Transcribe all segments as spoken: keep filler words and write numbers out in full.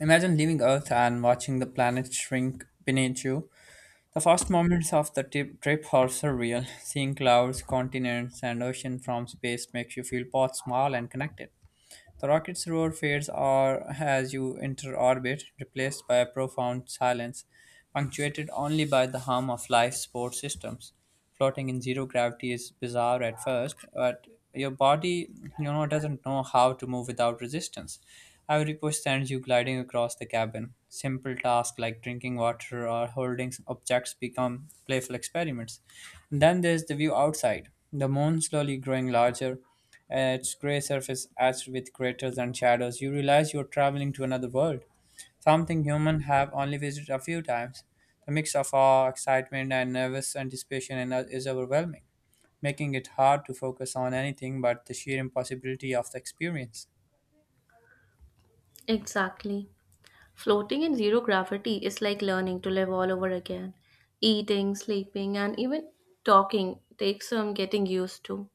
Imagine leaving Earth and watching the planet shrink beneath you. The first moments of the tip- trip are surreal. Seeing clouds, continents, and ocean from space makes you feel both small and connected. The rocket's roar fades or as you enter orbit, replaced by a profound silence, punctuated only by the hum of life support systems. Floating in zero gravity is bizarre at first, but your body, you know, doesn't know how to move without resistance. Every push sends you gliding across the cabin. Simple tasks like drinking water or holding objects become playful experiments. And then there's the view outside, the moon slowly growing larger, uh, its gray surface etched with craters and shadows. You realize you're traveling to another world, something humans have only visited a few times. The mix of awe, excitement, and nervous anticipation and- is overwhelming, making it hard to focus on anything but the sheer impossibility of the experience. Exactly. Floating in zero gravity is like learning to live all over again. Eating, sleeping, and even talking takes some getting used to.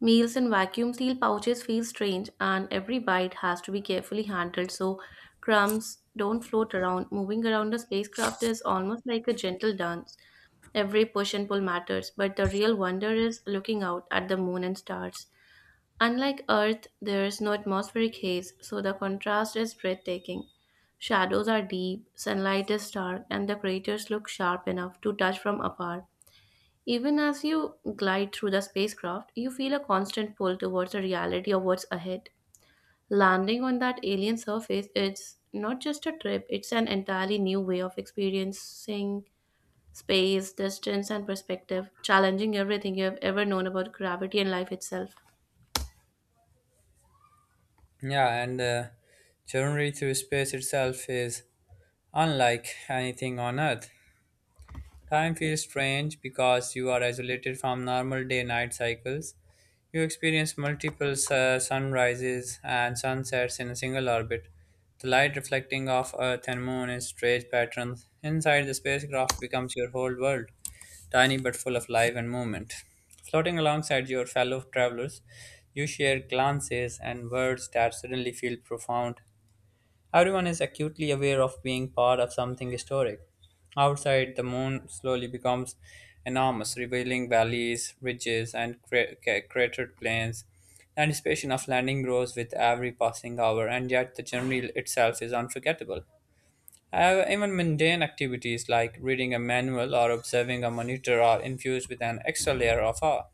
Meals in vacuum seal pouches feel strange, and every bite has to be carefully handled so crumbs don't float around. Moving around the spacecraft is almost like a gentle dance. Every push and pull matters, but the real wonder is looking out at the moon and stars. Unlike Earth, there is no atmospheric haze, so the contrast is breathtaking. Shadows are deep, sunlight is dark, and the craters look sharp enough to touch from afar. Even as you glide through the spacecraft, you feel a constant pull towards the reality of what's ahead. Landing on that alien surface is not just a trip, it's an entirely new way of experiencing space, distance, and perspective, challenging everything you have ever known about gravity and life itself. Yeah, and the journey through space itself is unlike anything on Earth. Time feels strange because you are isolated from normal day night cycles. You experience multiple su- sunrises and sunsets in a single orbit. The light reflecting off Earth and Moon in strange patterns. Inside the spacecraft becomes your whole world, tiny but full of life and movement. Floating alongside your fellow travelers, you share glances and words that suddenly feel profound. Everyone is acutely aware of being part of something historic. Outside, the moon slowly becomes enormous, revealing valleys, ridges, and cra- ca- cratered plains. The anticipation of landing grows with every passing hour, and yet the journey itself is unforgettable. However, even mundane activities like reading a manual or observing a monitor are infused with an extra layer of awe.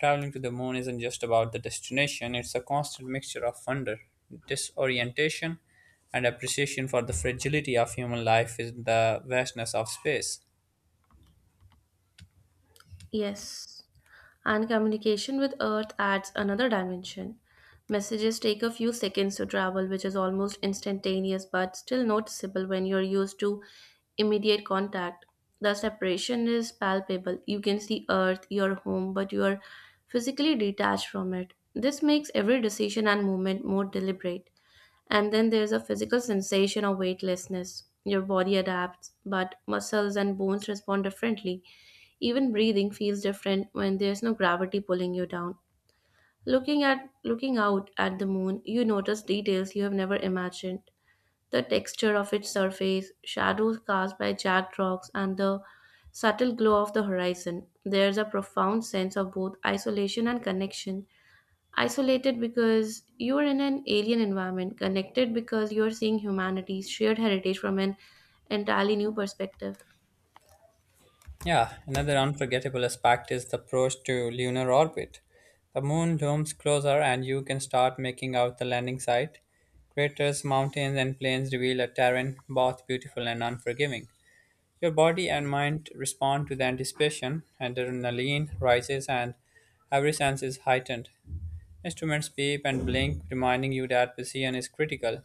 Traveling to the moon isn't just about the destination, it's a constant mixture of wonder, disorientation, and appreciation for the fragility of human life in the vastness of space. Yes, and communication with Earth adds another dimension. Messages take a few seconds to travel, which is almost instantaneous but still noticeable when you're used to immediate contact. The separation is palpable. You can see Earth, your home, but you are physically detached from it. This makes every decision and movement more deliberate. And then there's a physical sensation of weightlessness. Your body adapts, but muscles and bones respond differently. Even breathing feels different when there's no gravity pulling you down. Looking at looking out at the moon, you notice details you have never imagined. The texture of its surface, shadows cast by jagged rocks, and the subtle glow of the horizon. There's a profound sense of both isolation and connection. Isolated because you are in an alien environment, connected because you are seeing humanity's shared heritage from an entirely new perspective. Yeah, another unforgettable aspect is the approach to lunar orbit. The moon looms closer, and you can start making out the landing site. Craters, mountains, and plains reveal a terrain both beautiful and unforgiving. Your body and mind respond to the anticipation, adrenaline rises, and every sense is heightened. Instruments beep and blink, reminding you that precision is critical.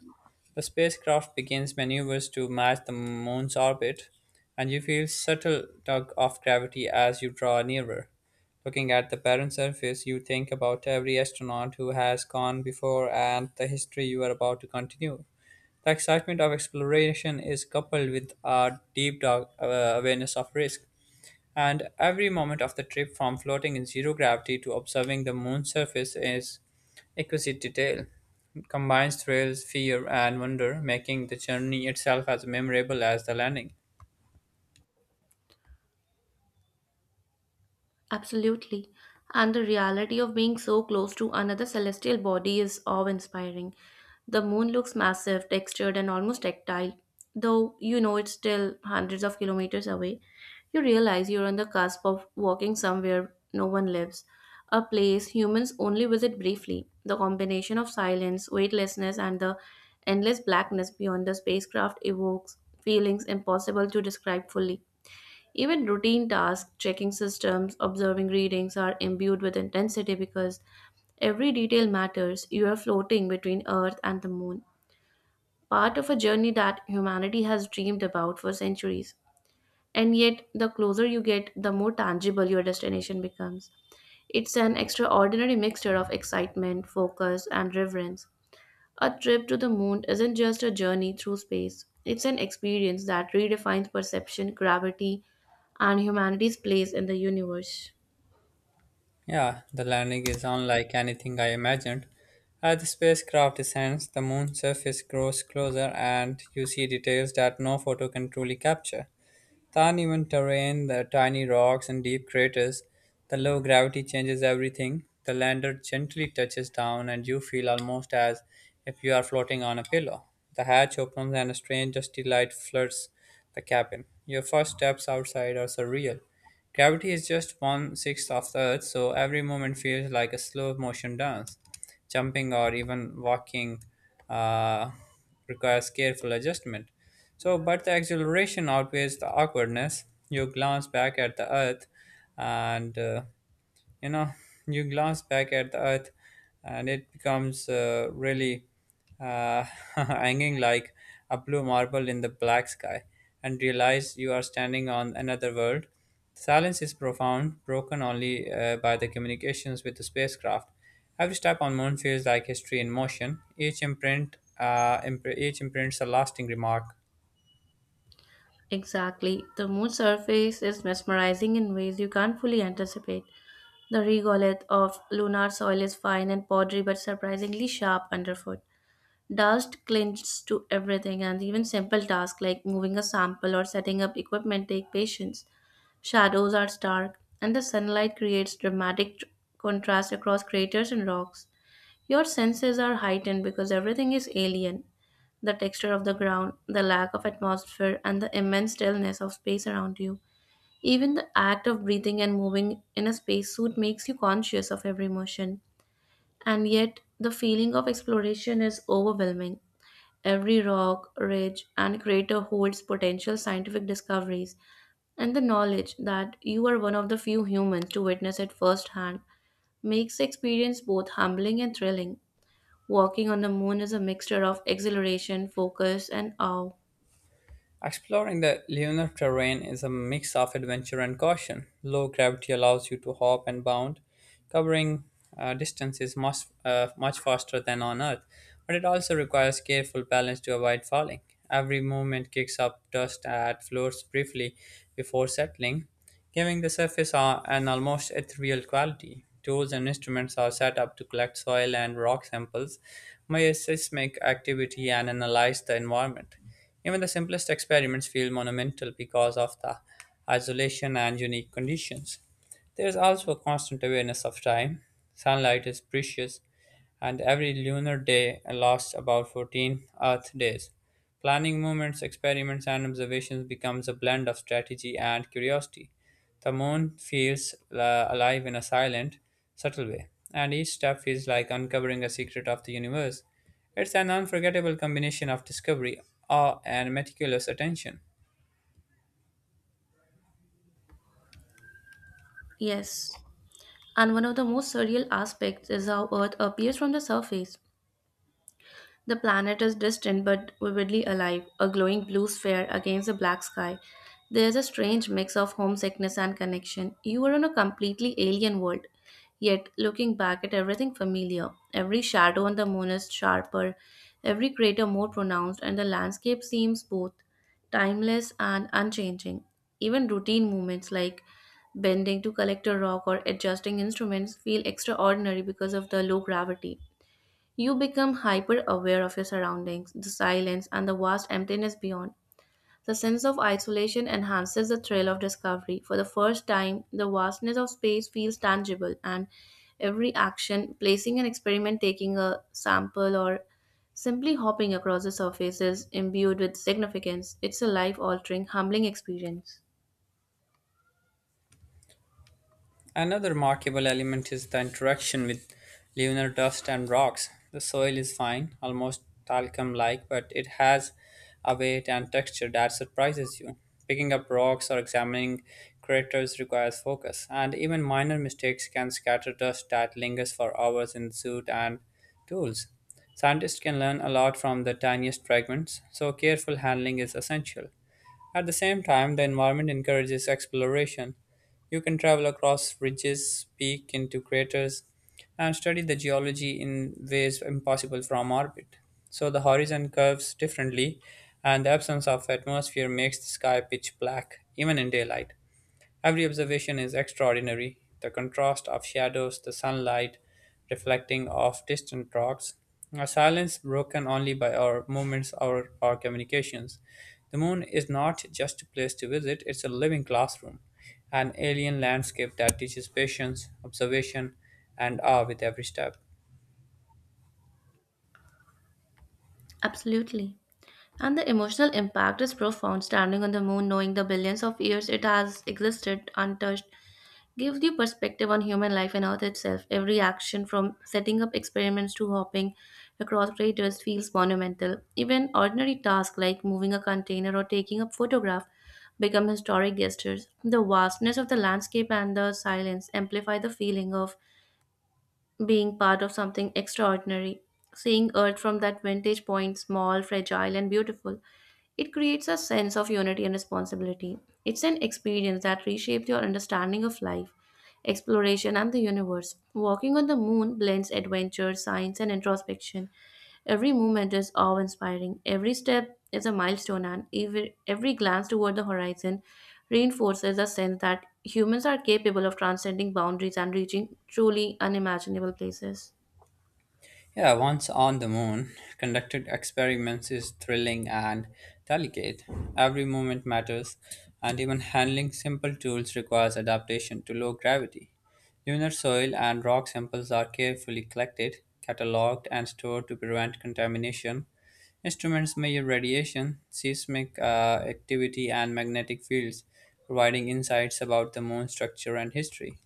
The spacecraft begins maneuvers to match the moon's orbit, and you feel subtle tug of gravity as you draw nearer. Looking at the barren surface, you think about every astronaut who has gone before and the history you are about to continue. The excitement of exploration is coupled with a deep dog, uh, awareness of risk, and every moment of the trip from floating in zero gravity to observing the moon's surface is exquisite detail. It combines thrills, fear, and wonder, making the journey itself as memorable as the landing. Absolutely. And the reality of being so close to another celestial body is awe inspiring. The moon looks massive, textured, and almost tactile, though you know it's still hundreds of kilometers away. You realize you're on the cusp of walking somewhere no one lives, a place humans only visit briefly. The combination of silence, weightlessness, and the endless blackness beyond the spacecraft evokes feelings impossible to describe fully. Even routine tasks, checking systems, observing readings are imbued with intensity because every detail matters. You are floating between Earth and the Moon, part of a journey that humanity has dreamed about for centuries. And yet, the closer you get, the more tangible your destination becomes. It's an extraordinary mixture of excitement, focus, and reverence. A trip to the moon isn't just a journey through space, it's an experience that redefines perception, gravity, and humanity's place in the universe. Yeah, the landing is unlike anything I imagined. As the spacecraft descends, the moon's surface grows closer and you see details that no photo can truly capture. The uneven terrain, the tiny rocks and deep craters, the low gravity changes everything. The lander gently touches down, and you feel almost as if you are floating on a pillow. The hatch opens, and a strange dusty light floods the cabin. Your first steps outside are surreal. Gravity is just one sixth of the Earth, so every moment feels like a slow motion dance. Jumping or even walking uh, requires careful adjustment. So, but the exhilaration outweighs the awkwardness. You glance back at the earth and uh, you know you glance back at the earth and it becomes uh, really uh, hanging like a blue marble in the black sky, and realize you are standing on another world. Silence is profound, broken only uh, by the communications with the spacecraft. Every step on moon feels like history in motion. Each imprint uh, imp- each imprints a lasting remark. Exactly. The moon's surface is mesmerizing in ways you can't fully anticipate. The regolith of lunar soil is fine and powdery but surprisingly sharp underfoot. Dust clings to everything, and even simple tasks like moving a sample or setting up equipment take patience. Shadows are stark, and the sunlight creates dramatic tr- contrast across craters and rocks. Your senses are heightened because everything is alien. The texture of the ground, the lack of atmosphere, and the immense stillness of space around you. Even the act of breathing and moving in a spacesuit makes you conscious of every motion. And yet, the feeling of exploration is overwhelming. Every rock, ridge, and crater holds potential scientific discoveries, and the knowledge that you are one of the few humans to witness it firsthand makes the experience both humbling and thrilling. Walking on the moon is a mixture of exhilaration, focus, and awe. Exploring the lunar terrain is a mix of adventure and caution. Low gravity allows you to hop and bound, covering uh, distances much, uh, much faster than on Earth, but it also requires careful balance to avoid falling. Every movement kicks up dust at floors briefly before settling, giving the surface a- an almost ethereal quality. Tools and instruments are set up to collect soil and rock samples, measure seismic activity, and analyze the environment. Even the simplest experiments feel monumental because of the isolation and unique conditions. There is also a constant awareness of time. Sunlight is precious, and every lunar day lasts about fourteen Earth days. Planning movements, experiments, and observations becomes a blend of strategy and curiosity. The moon feels uh, alive in a silent, subtle way, and each step feels like uncovering a secret of the universe. It's an unforgettable combination of discovery, awe, and meticulous attention. Yes, and one of the most surreal aspects is how Earth appears from the surface. The planet is distant but vividly alive, a glowing blue sphere against a black sky. There's a strange mix of homesickness and connection. You are on a completely alien world. Yet, looking back at everything familiar, every shadow on the moon is sharper, every crater more pronounced, and the landscape seems both timeless and unchanging. Even routine movements like bending to collect a rock or adjusting instruments feel extraordinary because of the low gravity. You become hyper aware of your surroundings, the silence, and the vast emptiness beyond. The sense of isolation enhances the thrill of discovery. For the first time, the vastness of space feels tangible, and every action, placing an experiment, taking a sample, or simply hopping across the surface is imbued with significance. It's a life altering, humbling experience. Another remarkable element is the interaction with lunar dust and rocks. The soil is fine, almost talcum like, but it has a weight and texture that surprises you. Picking up rocks or examining craters requires focus, and even minor mistakes can scatter dust that lingers for hours in suit and tools. Scientists can learn a lot from the tiniest fragments, so careful handling is essential. At the same time, the environment encourages exploration. You can travel across ridges, peek into craters, and study the geology in ways impossible from orbit. So the horizon curves differently, and the absence of atmosphere makes the sky pitch black, even in daylight. Every observation is extraordinary. The contrast of shadows, the sunlight reflecting off distant rocks, a silence broken only by our movements or our communications. The moon is not just a place to visit, it's a living classroom, an alien landscape that teaches patience, observation, and awe with every step. Absolutely. And the emotional impact is profound. Standing on the moon, knowing the billions of years it has existed untouched, gives you perspective on human life and Earth itself. Every action, from setting up experiments to hopping across craters, feels monumental. Even ordinary tasks like moving a container or taking a photograph become historic gestures. The vastness of the landscape and the silence amplify the feeling of being part of something extraordinary. Seeing Earth from that vantage point, small, fragile, and beautiful, it creates a sense of unity and responsibility. It's an experience that reshapes your understanding of life, exploration, and the universe. Walking on the moon blends adventure, science, and introspection. Every movement is awe inspiring, every step is a milestone, and every, every glance toward the horizon reinforces a sense that humans are capable of transcending boundaries and reaching truly unimaginable places. Yeah, once on the moon, conducted experiments is thrilling and delicate. Every moment matters, and even handling simple tools requires adaptation to low gravity. Lunar soil and rock samples are carefully collected, catalogued, and stored to prevent contamination. Instruments measure radiation, seismic uh, activity, and magnetic fields, providing insights about the moon's structure and history.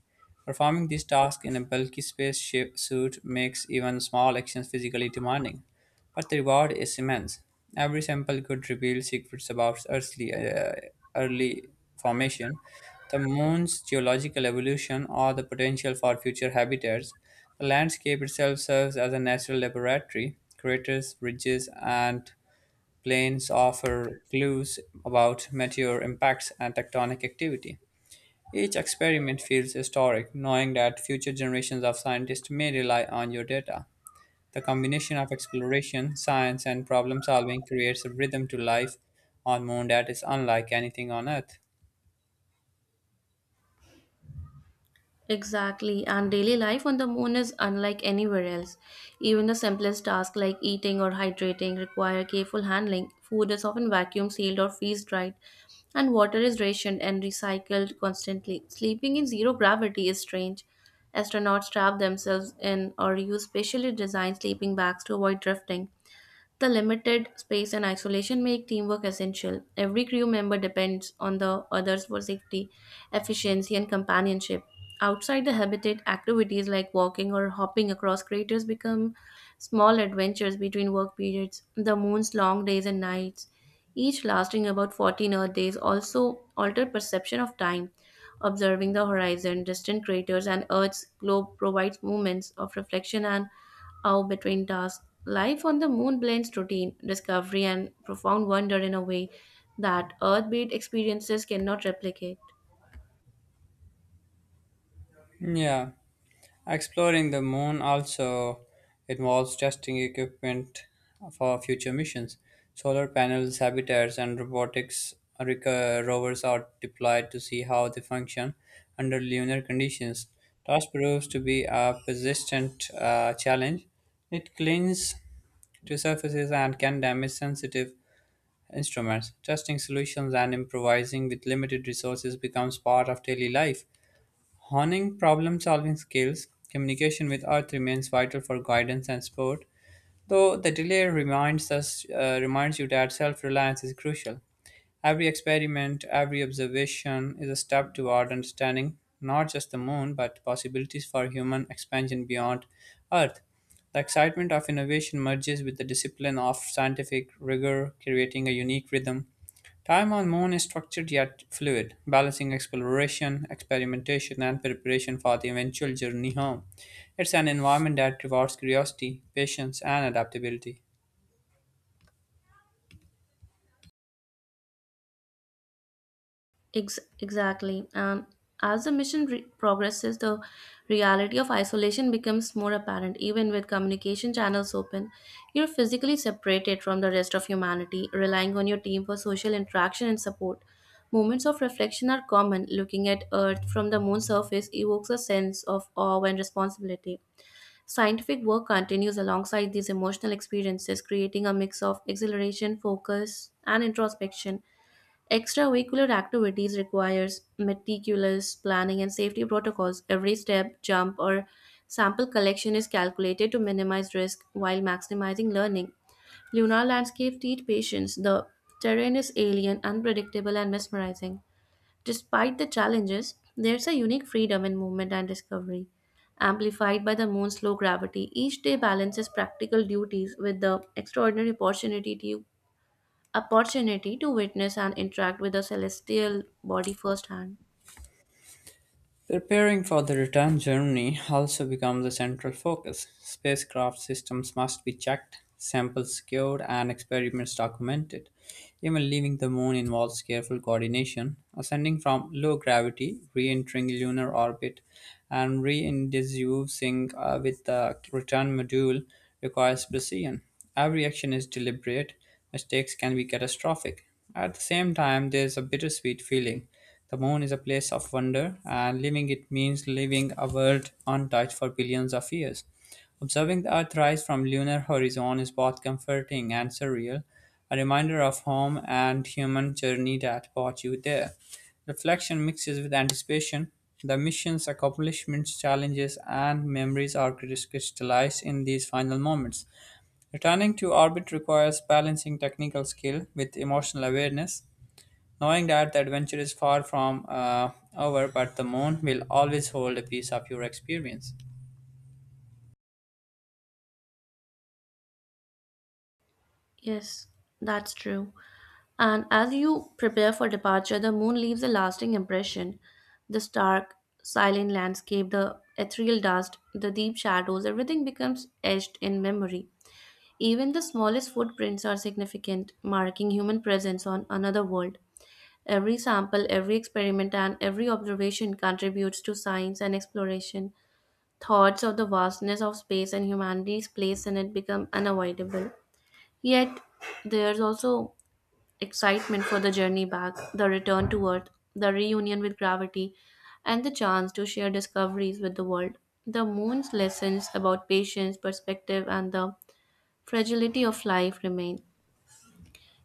Performing these tasks in a bulky spaceship suit makes even small actions physically demanding, but the reward is immense. Every sample could reveal secrets about Earth's early formation, the moon's geological evolution, or the potential for future habitats. The landscape itself serves as a natural laboratory. Craters, ridges, and plains offer clues about meteor impacts and tectonic activity. Each experiment feels historic, knowing that future generations of scientists may rely on your data. The combination of exploration, science, and problem solving creates a rhythm to life on moon that is unlike anything on Earth. Exactly, and daily life on the moon is unlike anywhere else. Even the simplest tasks like eating or hydrating require careful handling. Food is often vacuum sealed or freeze dried, and water is rationed and recycled constantly. Sleeping in zero gravity is strange. Astronauts trap themselves in or use specially designed sleeping bags to avoid drifting. The limited space and isolation make teamwork essential. Every crew member depends on the others for safety, efficiency, and companionship. Outside the habitat, activities like walking or hopping across craters become small adventures between work periods. The moon's long days and nights, each lasting about fourteen Earth days, also alter perception of time. Observing the horizon, distant craters, and Earth's globe provides moments of reflection and how between tasks, life on the moon blends routine, discovery, and profound wonder in a way that Earth based experiences cannot replicate. Yeah. Exploring the moon also involves testing equipment for future missions. Solar panels, habitats, and robotics reco- rovers are deployed to see how they function under lunar conditions. Task proves to be a persistent uh, challenge. It clings to surfaces and can damage sensitive instruments. Testing solutions and improvising with limited resources becomes part of daily life. Honing problem-solving skills, communication with Earth remains vital for guidance and support, though the delay reminds us uh, reminds you that self-reliance is crucial. Every experiment, every observation is a step toward understanding not just the moon but possibilities for human expansion beyond Earth. The excitement of innovation merges with the discipline of scientific rigor, creating a unique rhythm. Time on Moon is structured yet fluid, balancing exploration, experimentation, and preparation for the eventual journey home. It's an environment that rewards curiosity, patience, and adaptability. Ex- exactly. And as the mission re- progresses, the reality of isolation becomes more apparent. Even with communication channels open, you're physically separated from the rest of humanity, relying on your team for social interaction and support. Moments of reflection are common. Looking at Earth from the moon's surface evokes a sense of awe and responsibility. Scientific work continues alongside these emotional experiences, creating a mix of exhilaration, focus, and introspection. Extracurricular activities requires meticulous planning and safety protocols. Every step, jump, or sample collection is calculated to minimize risk while maximizing learning. Lunar landscape teach patience. The terrain is alien, unpredictable, and mesmerizing. Despite the challenges, there's a unique freedom in movement and discovery. Amplified by the moon's low gravity, each day balances practical duties with the extraordinary opportunity to, opportunity to witness and interact with the celestial body firsthand. Preparing for the return journey also becomes a central focus. Spacecraft systems must be checked, samples secured, and experiments documented. Even leaving the moon involves careful coordination, ascending from low gravity, re entering lunar orbit, and re inducing with the return module requires precision. Every action is deliberate, mistakes can be catastrophic. At the same time, there is a bittersweet feeling. The moon is a place of wonder, and leaving it means leaving a world untouched for billions of years. Observing the Earth rise from lunar horizon is both comforting and surreal, a reminder of home and human journey that brought you there. Reflection mixes with anticipation. The mission's accomplishments, challenges, and memories are crystallized in these final moments. Returning to orbit requires balancing technical skill with emotional awareness, knowing that the adventure is far from uh, over, but the moon will always hold a piece of your experience. Yes, that's true. And as you prepare for departure, the moon leaves a lasting impression. The stark, silent landscape, the ethereal dust, the deep shadows, everything becomes etched in memory. Even the smallest footprints are significant, marking human presence on another world. Every sample, every experiment, and every observation contributes to science and exploration. Thoughts of the vastness of space and humanity's place in it become unavoidable. Yet, there's also excitement for the journey back, the return to Earth, the reunion with gravity, and the chance to share discoveries with the world. The moon's lessons about patience, perspective, and the fragility of life remain.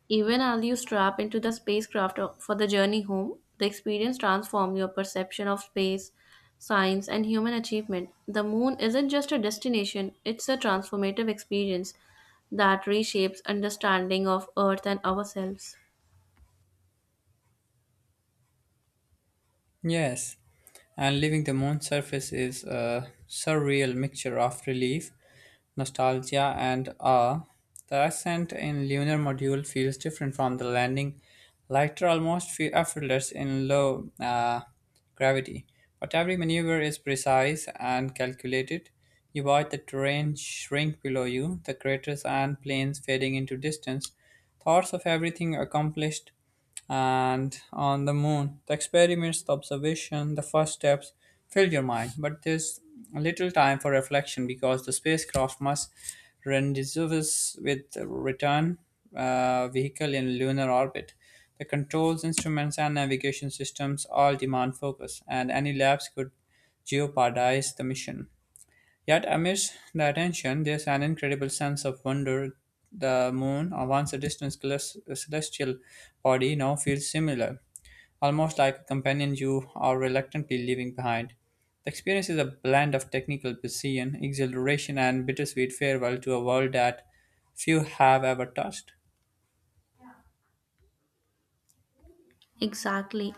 Even as you strap into the spacecraft uh, for the journey home, the experience transforms your perception of space, science, and human achievement. The moon isn't just a destination, it's a transformative experience that reshapes understanding of Earth and ourselves. Yes, and leaving the moon's surface is a surreal mixture of relief, nostalgia, and awe. The ascent in lunar module feels different from the landing, lighter, almost feel effortless in low uh, gravity. But every maneuver is precise and calculated. You watch the terrain shrink below you, the craters and plains fading into distance. Thoughts of everything accomplished and on the moon. The experiments, the observation, the first steps filled your mind, but there's little time for reflection because the spacecraft must rendezvous with the return uh, vehicle in lunar orbit. The controls, instruments, and navigation systems all demand focus, and any lapse could jeopardize the mission. Yet, amidst the attention, there's an incredible sense of wonder. The moon, once a distant celes- celestial body, now feels similar, almost like a companion you are reluctantly leaving behind. The experience is a blend of technical precision, exhilaration, and bittersweet farewell to a world that few have ever touched. Exactly.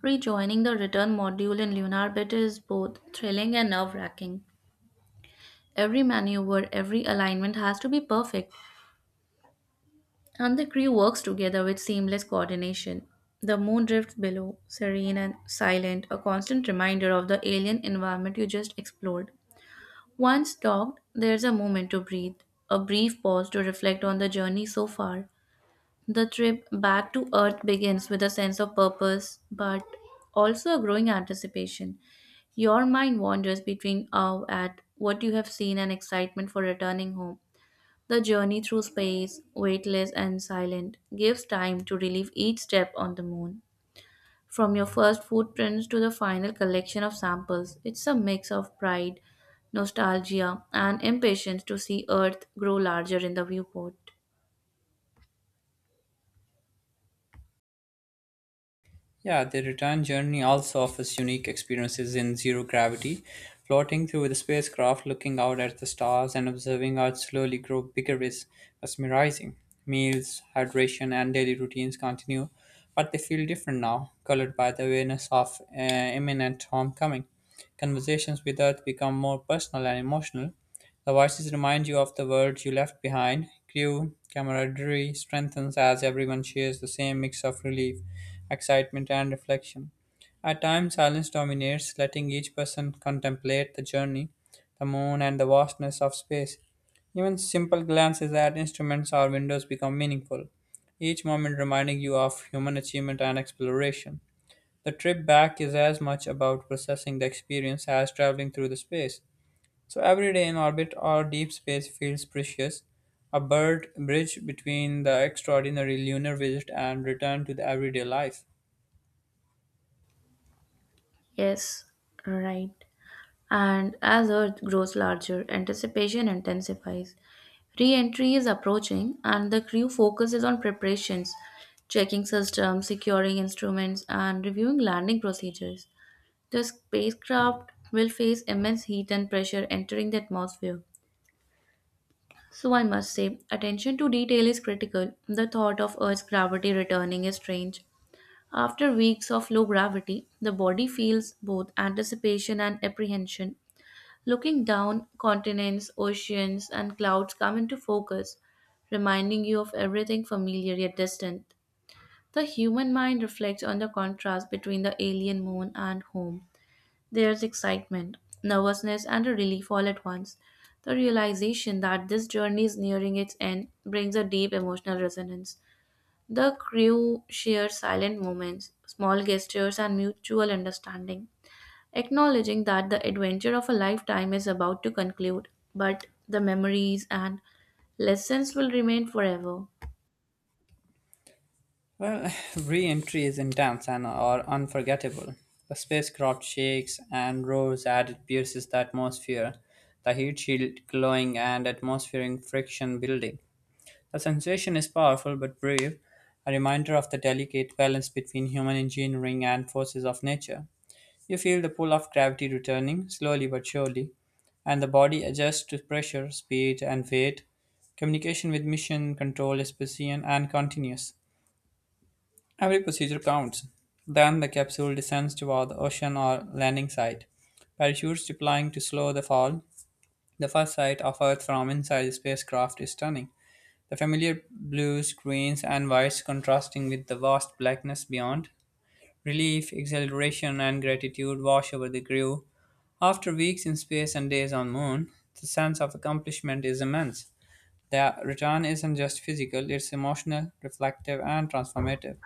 Rejoining the return module in lunar orbit is both thrilling and nerve wracking. Every maneuver, every alignment has to be perfect, and the crew works together with seamless coordination. The moon drifts below, serene and silent, a constant reminder of the alien environment you just explored. Once docked, there's a moment to breathe, a brief pause to reflect on the journey so far. The trip back to Earth begins with a sense of purpose, but also a growing anticipation. Your mind wanders between awe at what you have seen and excitement for returning home. The journey through space, weightless and silent, gives time to relive each step on the moon. From your first footprints to the final collection of samples, it's a mix of pride, nostalgia, and impatience to see Earth grow larger in the viewport. Yeah, the return journey also offers unique experiences in zero gravity, floating through the spacecraft, looking out at the stars, and observing Earth slowly grow bigger is mesmerizing. Meals, hydration, and daily routines continue, but they feel different now, colored by the awareness of uh, imminent homecoming. Conversations with Earth become more personal and emotional. The voices remind you of the world you left behind. Crew camaraderie strengthens as everyone shares the same mix of relief excitement, and reflection. At times, silence dominates, letting each person contemplate the journey, the moon, and the vastness of space. Even simple glances at instruments or windows become meaningful, each moment reminding you of human achievement and exploration. The trip back is as much about processing the experience as traveling through the space. So every day in orbit or deep space feels precious, a bird bridge between the extraordinary lunar visit and return to the everyday life. Yes, right. And as Earth grows larger, anticipation intensifies. Re entry is approaching, and the crew focuses on preparations, checking systems, securing instruments, and reviewing landing procedures. The spacecraft will face immense heat and pressure entering the atmosphere. So, I must say, attention to detail is critical. The thought of Earth's gravity returning is strange. After weeks of low gravity, the body feels both anticipation and apprehension. Looking down, continents, oceans, and clouds come into focus, reminding you of everything familiar yet distant. The human mind reflects on the contrast between the alien moon and home. There's excitement, nervousness, and a relief all at once. The realization that this journey is nearing its end brings a deep emotional resonance. The crew shares silent moments, small gestures, and mutual understanding, acknowledging that the adventure of a lifetime is about to conclude, but the memories and lessons will remain forever. Well, re-entries in dams and are unforgettable. The spacecraft shakes and roars as it pierces the atmosphere, the heat shield glowing and atmospheric friction building. The sensation is powerful but brief, a reminder of the delicate balance between human engineering and forces of nature. You feel the pull of gravity returning, slowly but surely, and the body adjusts to pressure, speed, and weight. Communication with mission control is precision and continuous. Every procedure counts. Then the capsule descends toward the ocean or landing site. Parachutes deploying to slow the fall. The first sight of Earth from inside the spacecraft is stunning. The familiar blues, greens, and whites contrasting with the vast blackness beyond. Relief, exhilaration, and gratitude wash over the crew. After weeks in space and days on moon, the sense of accomplishment is immense. The return isn't just physical, it's emotional, reflective, and transformative.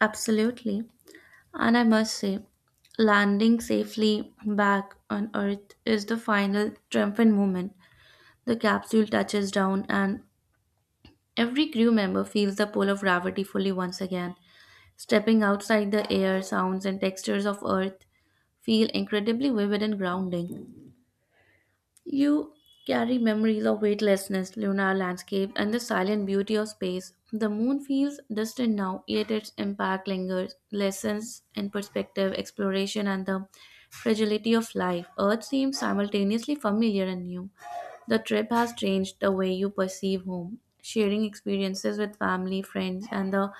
Absolutely. And I must say, landing safely back on Earth is the final triumphant moment. The capsule touches down, and every crew member feels the pull of gravity fully once again. Stepping outside the air, sounds and textures of Earth feel incredibly vivid and grounding. You carry memories of weightlessness, lunar landscape, and the silent beauty of space. The moon feels distant now, yet its impact lingers. Lessons in perspective, exploration, and the fragility of life. Earth seems simultaneously familiar and new. The trip has changed the way you perceive home. Sharing experiences with family, friends, and the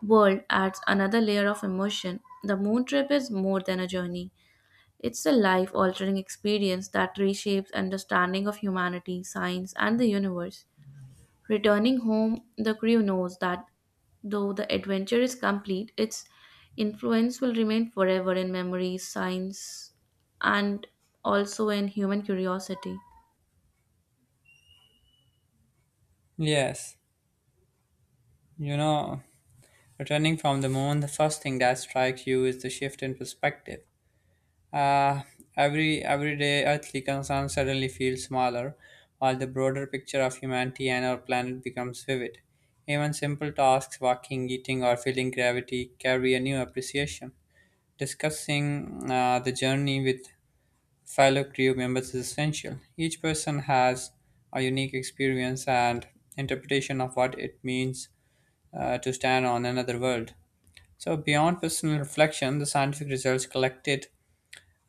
world adds another layer of emotion. The moon trip is more than a journey. It's a life altering experience that reshapes understanding of humanity, science, and the universe. Returning home, the crew knows that though the adventure is complete, its influence will remain forever in memories, science, and also in human curiosity. Yes, you know, returning from the moon, the first thing that strikes you is the shift in perspective. Uh, every Everyday earthly concern suddenly feels smaller, while the broader picture of humanity and our planet becomes vivid. Even simple tasks, walking, eating, or feeling gravity, carry a new appreciation. Discussing uh, the journey with fellow crew members is essential. Each person has a unique experience and interpretation of what it means uh, to stand on another world. So, beyond personal reflection, the scientific results collected,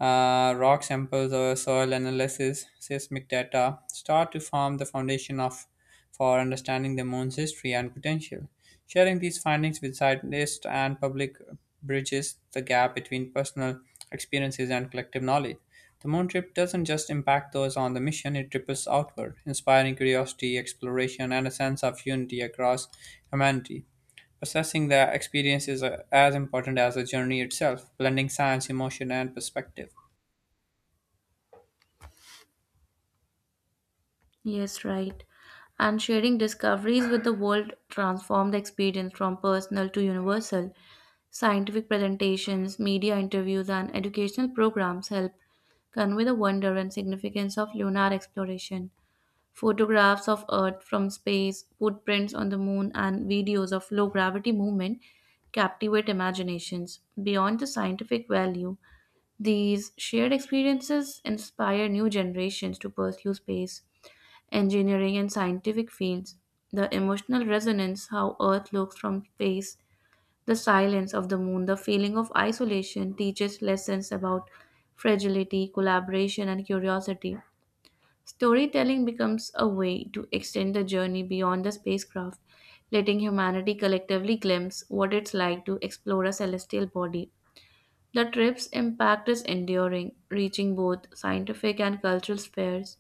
uh, rock samples or soil analysis, seismic data, start to form the foundation of for understanding the moon's history and potential. Sharing these findings with scientists and public bridges the gap between personal experiences and collective knowledge. The moon trip doesn't just impact those on the mission, it ripples outward, inspiring curiosity, exploration, and a sense of unity across humanity. Processing the experience is uh, as important as the journey itself, blending science, emotion, and perspective. Yes, right. And sharing discoveries with the world transformed the experience from personal to universal. Scientific presentations, media interviews, and educational programs help convey the wonder and significance of lunar exploration. Photographs of Earth from space, footprints on the moon, and videos of low gravity movement captivate imaginations. Beyond the scientific value, these shared experiences inspire new generations to pursue space, engineering, and scientific fields. The emotional resonance, how Earth looks from space, the silence of the moon, the feeling of isolation, teaches lessons about fragility, collaboration, and curiosity. Storytelling becomes a way to extend the journey beyond the spacecraft, letting humanity collectively glimpse what it's like to explore a celestial body. The trip's impact is enduring, reaching both scientific and cultural spheres,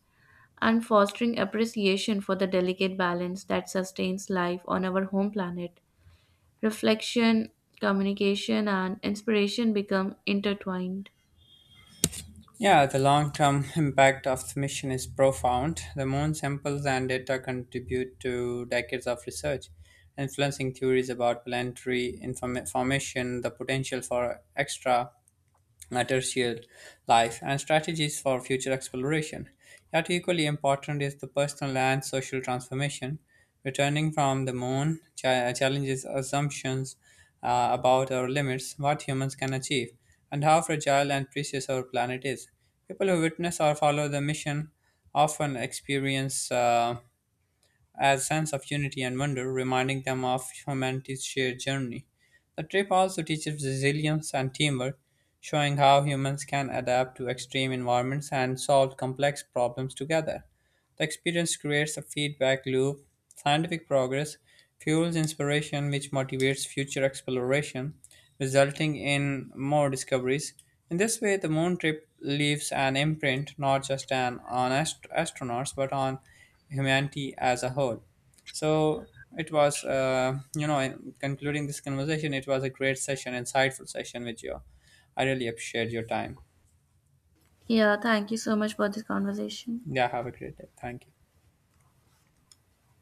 and fostering appreciation for the delicate balance that sustains life on our home planet reflection, communication, and inspiration become intertwined. Yeah, the long term impact of the mission is profound. The moon samples and data contribute to decades of research, influencing theories about planetary inform- formation, the potential for extra terrestrial life and strategies for future exploration. Yet, equally important is the personal and social transformation. Returning from the moon cha- challenges assumptions uh, about our limits, what humans can achieve, and how fragile and precious our planet is. People who witness or follow the mission often experience. Uh, as sense of unity and wonder, reminding them of humanity's shared journey. The trip also teaches resilience and teamwork, showing how humans can adapt to extreme environments and solve complex problems together. The experience creates a feedback loop. Scientific progress fuels inspiration, which motivates future exploration, resulting in more discoveries. In this way, the moon trip leaves an imprint not just on, on ast- astronauts but on humanity as a whole. So it was, uh, you know, in concluding this conversation, it was a great session, insightful session with you. I really appreciate your time. Yeah, thank you so much for this conversation. Yeah, have a great day. Thank you.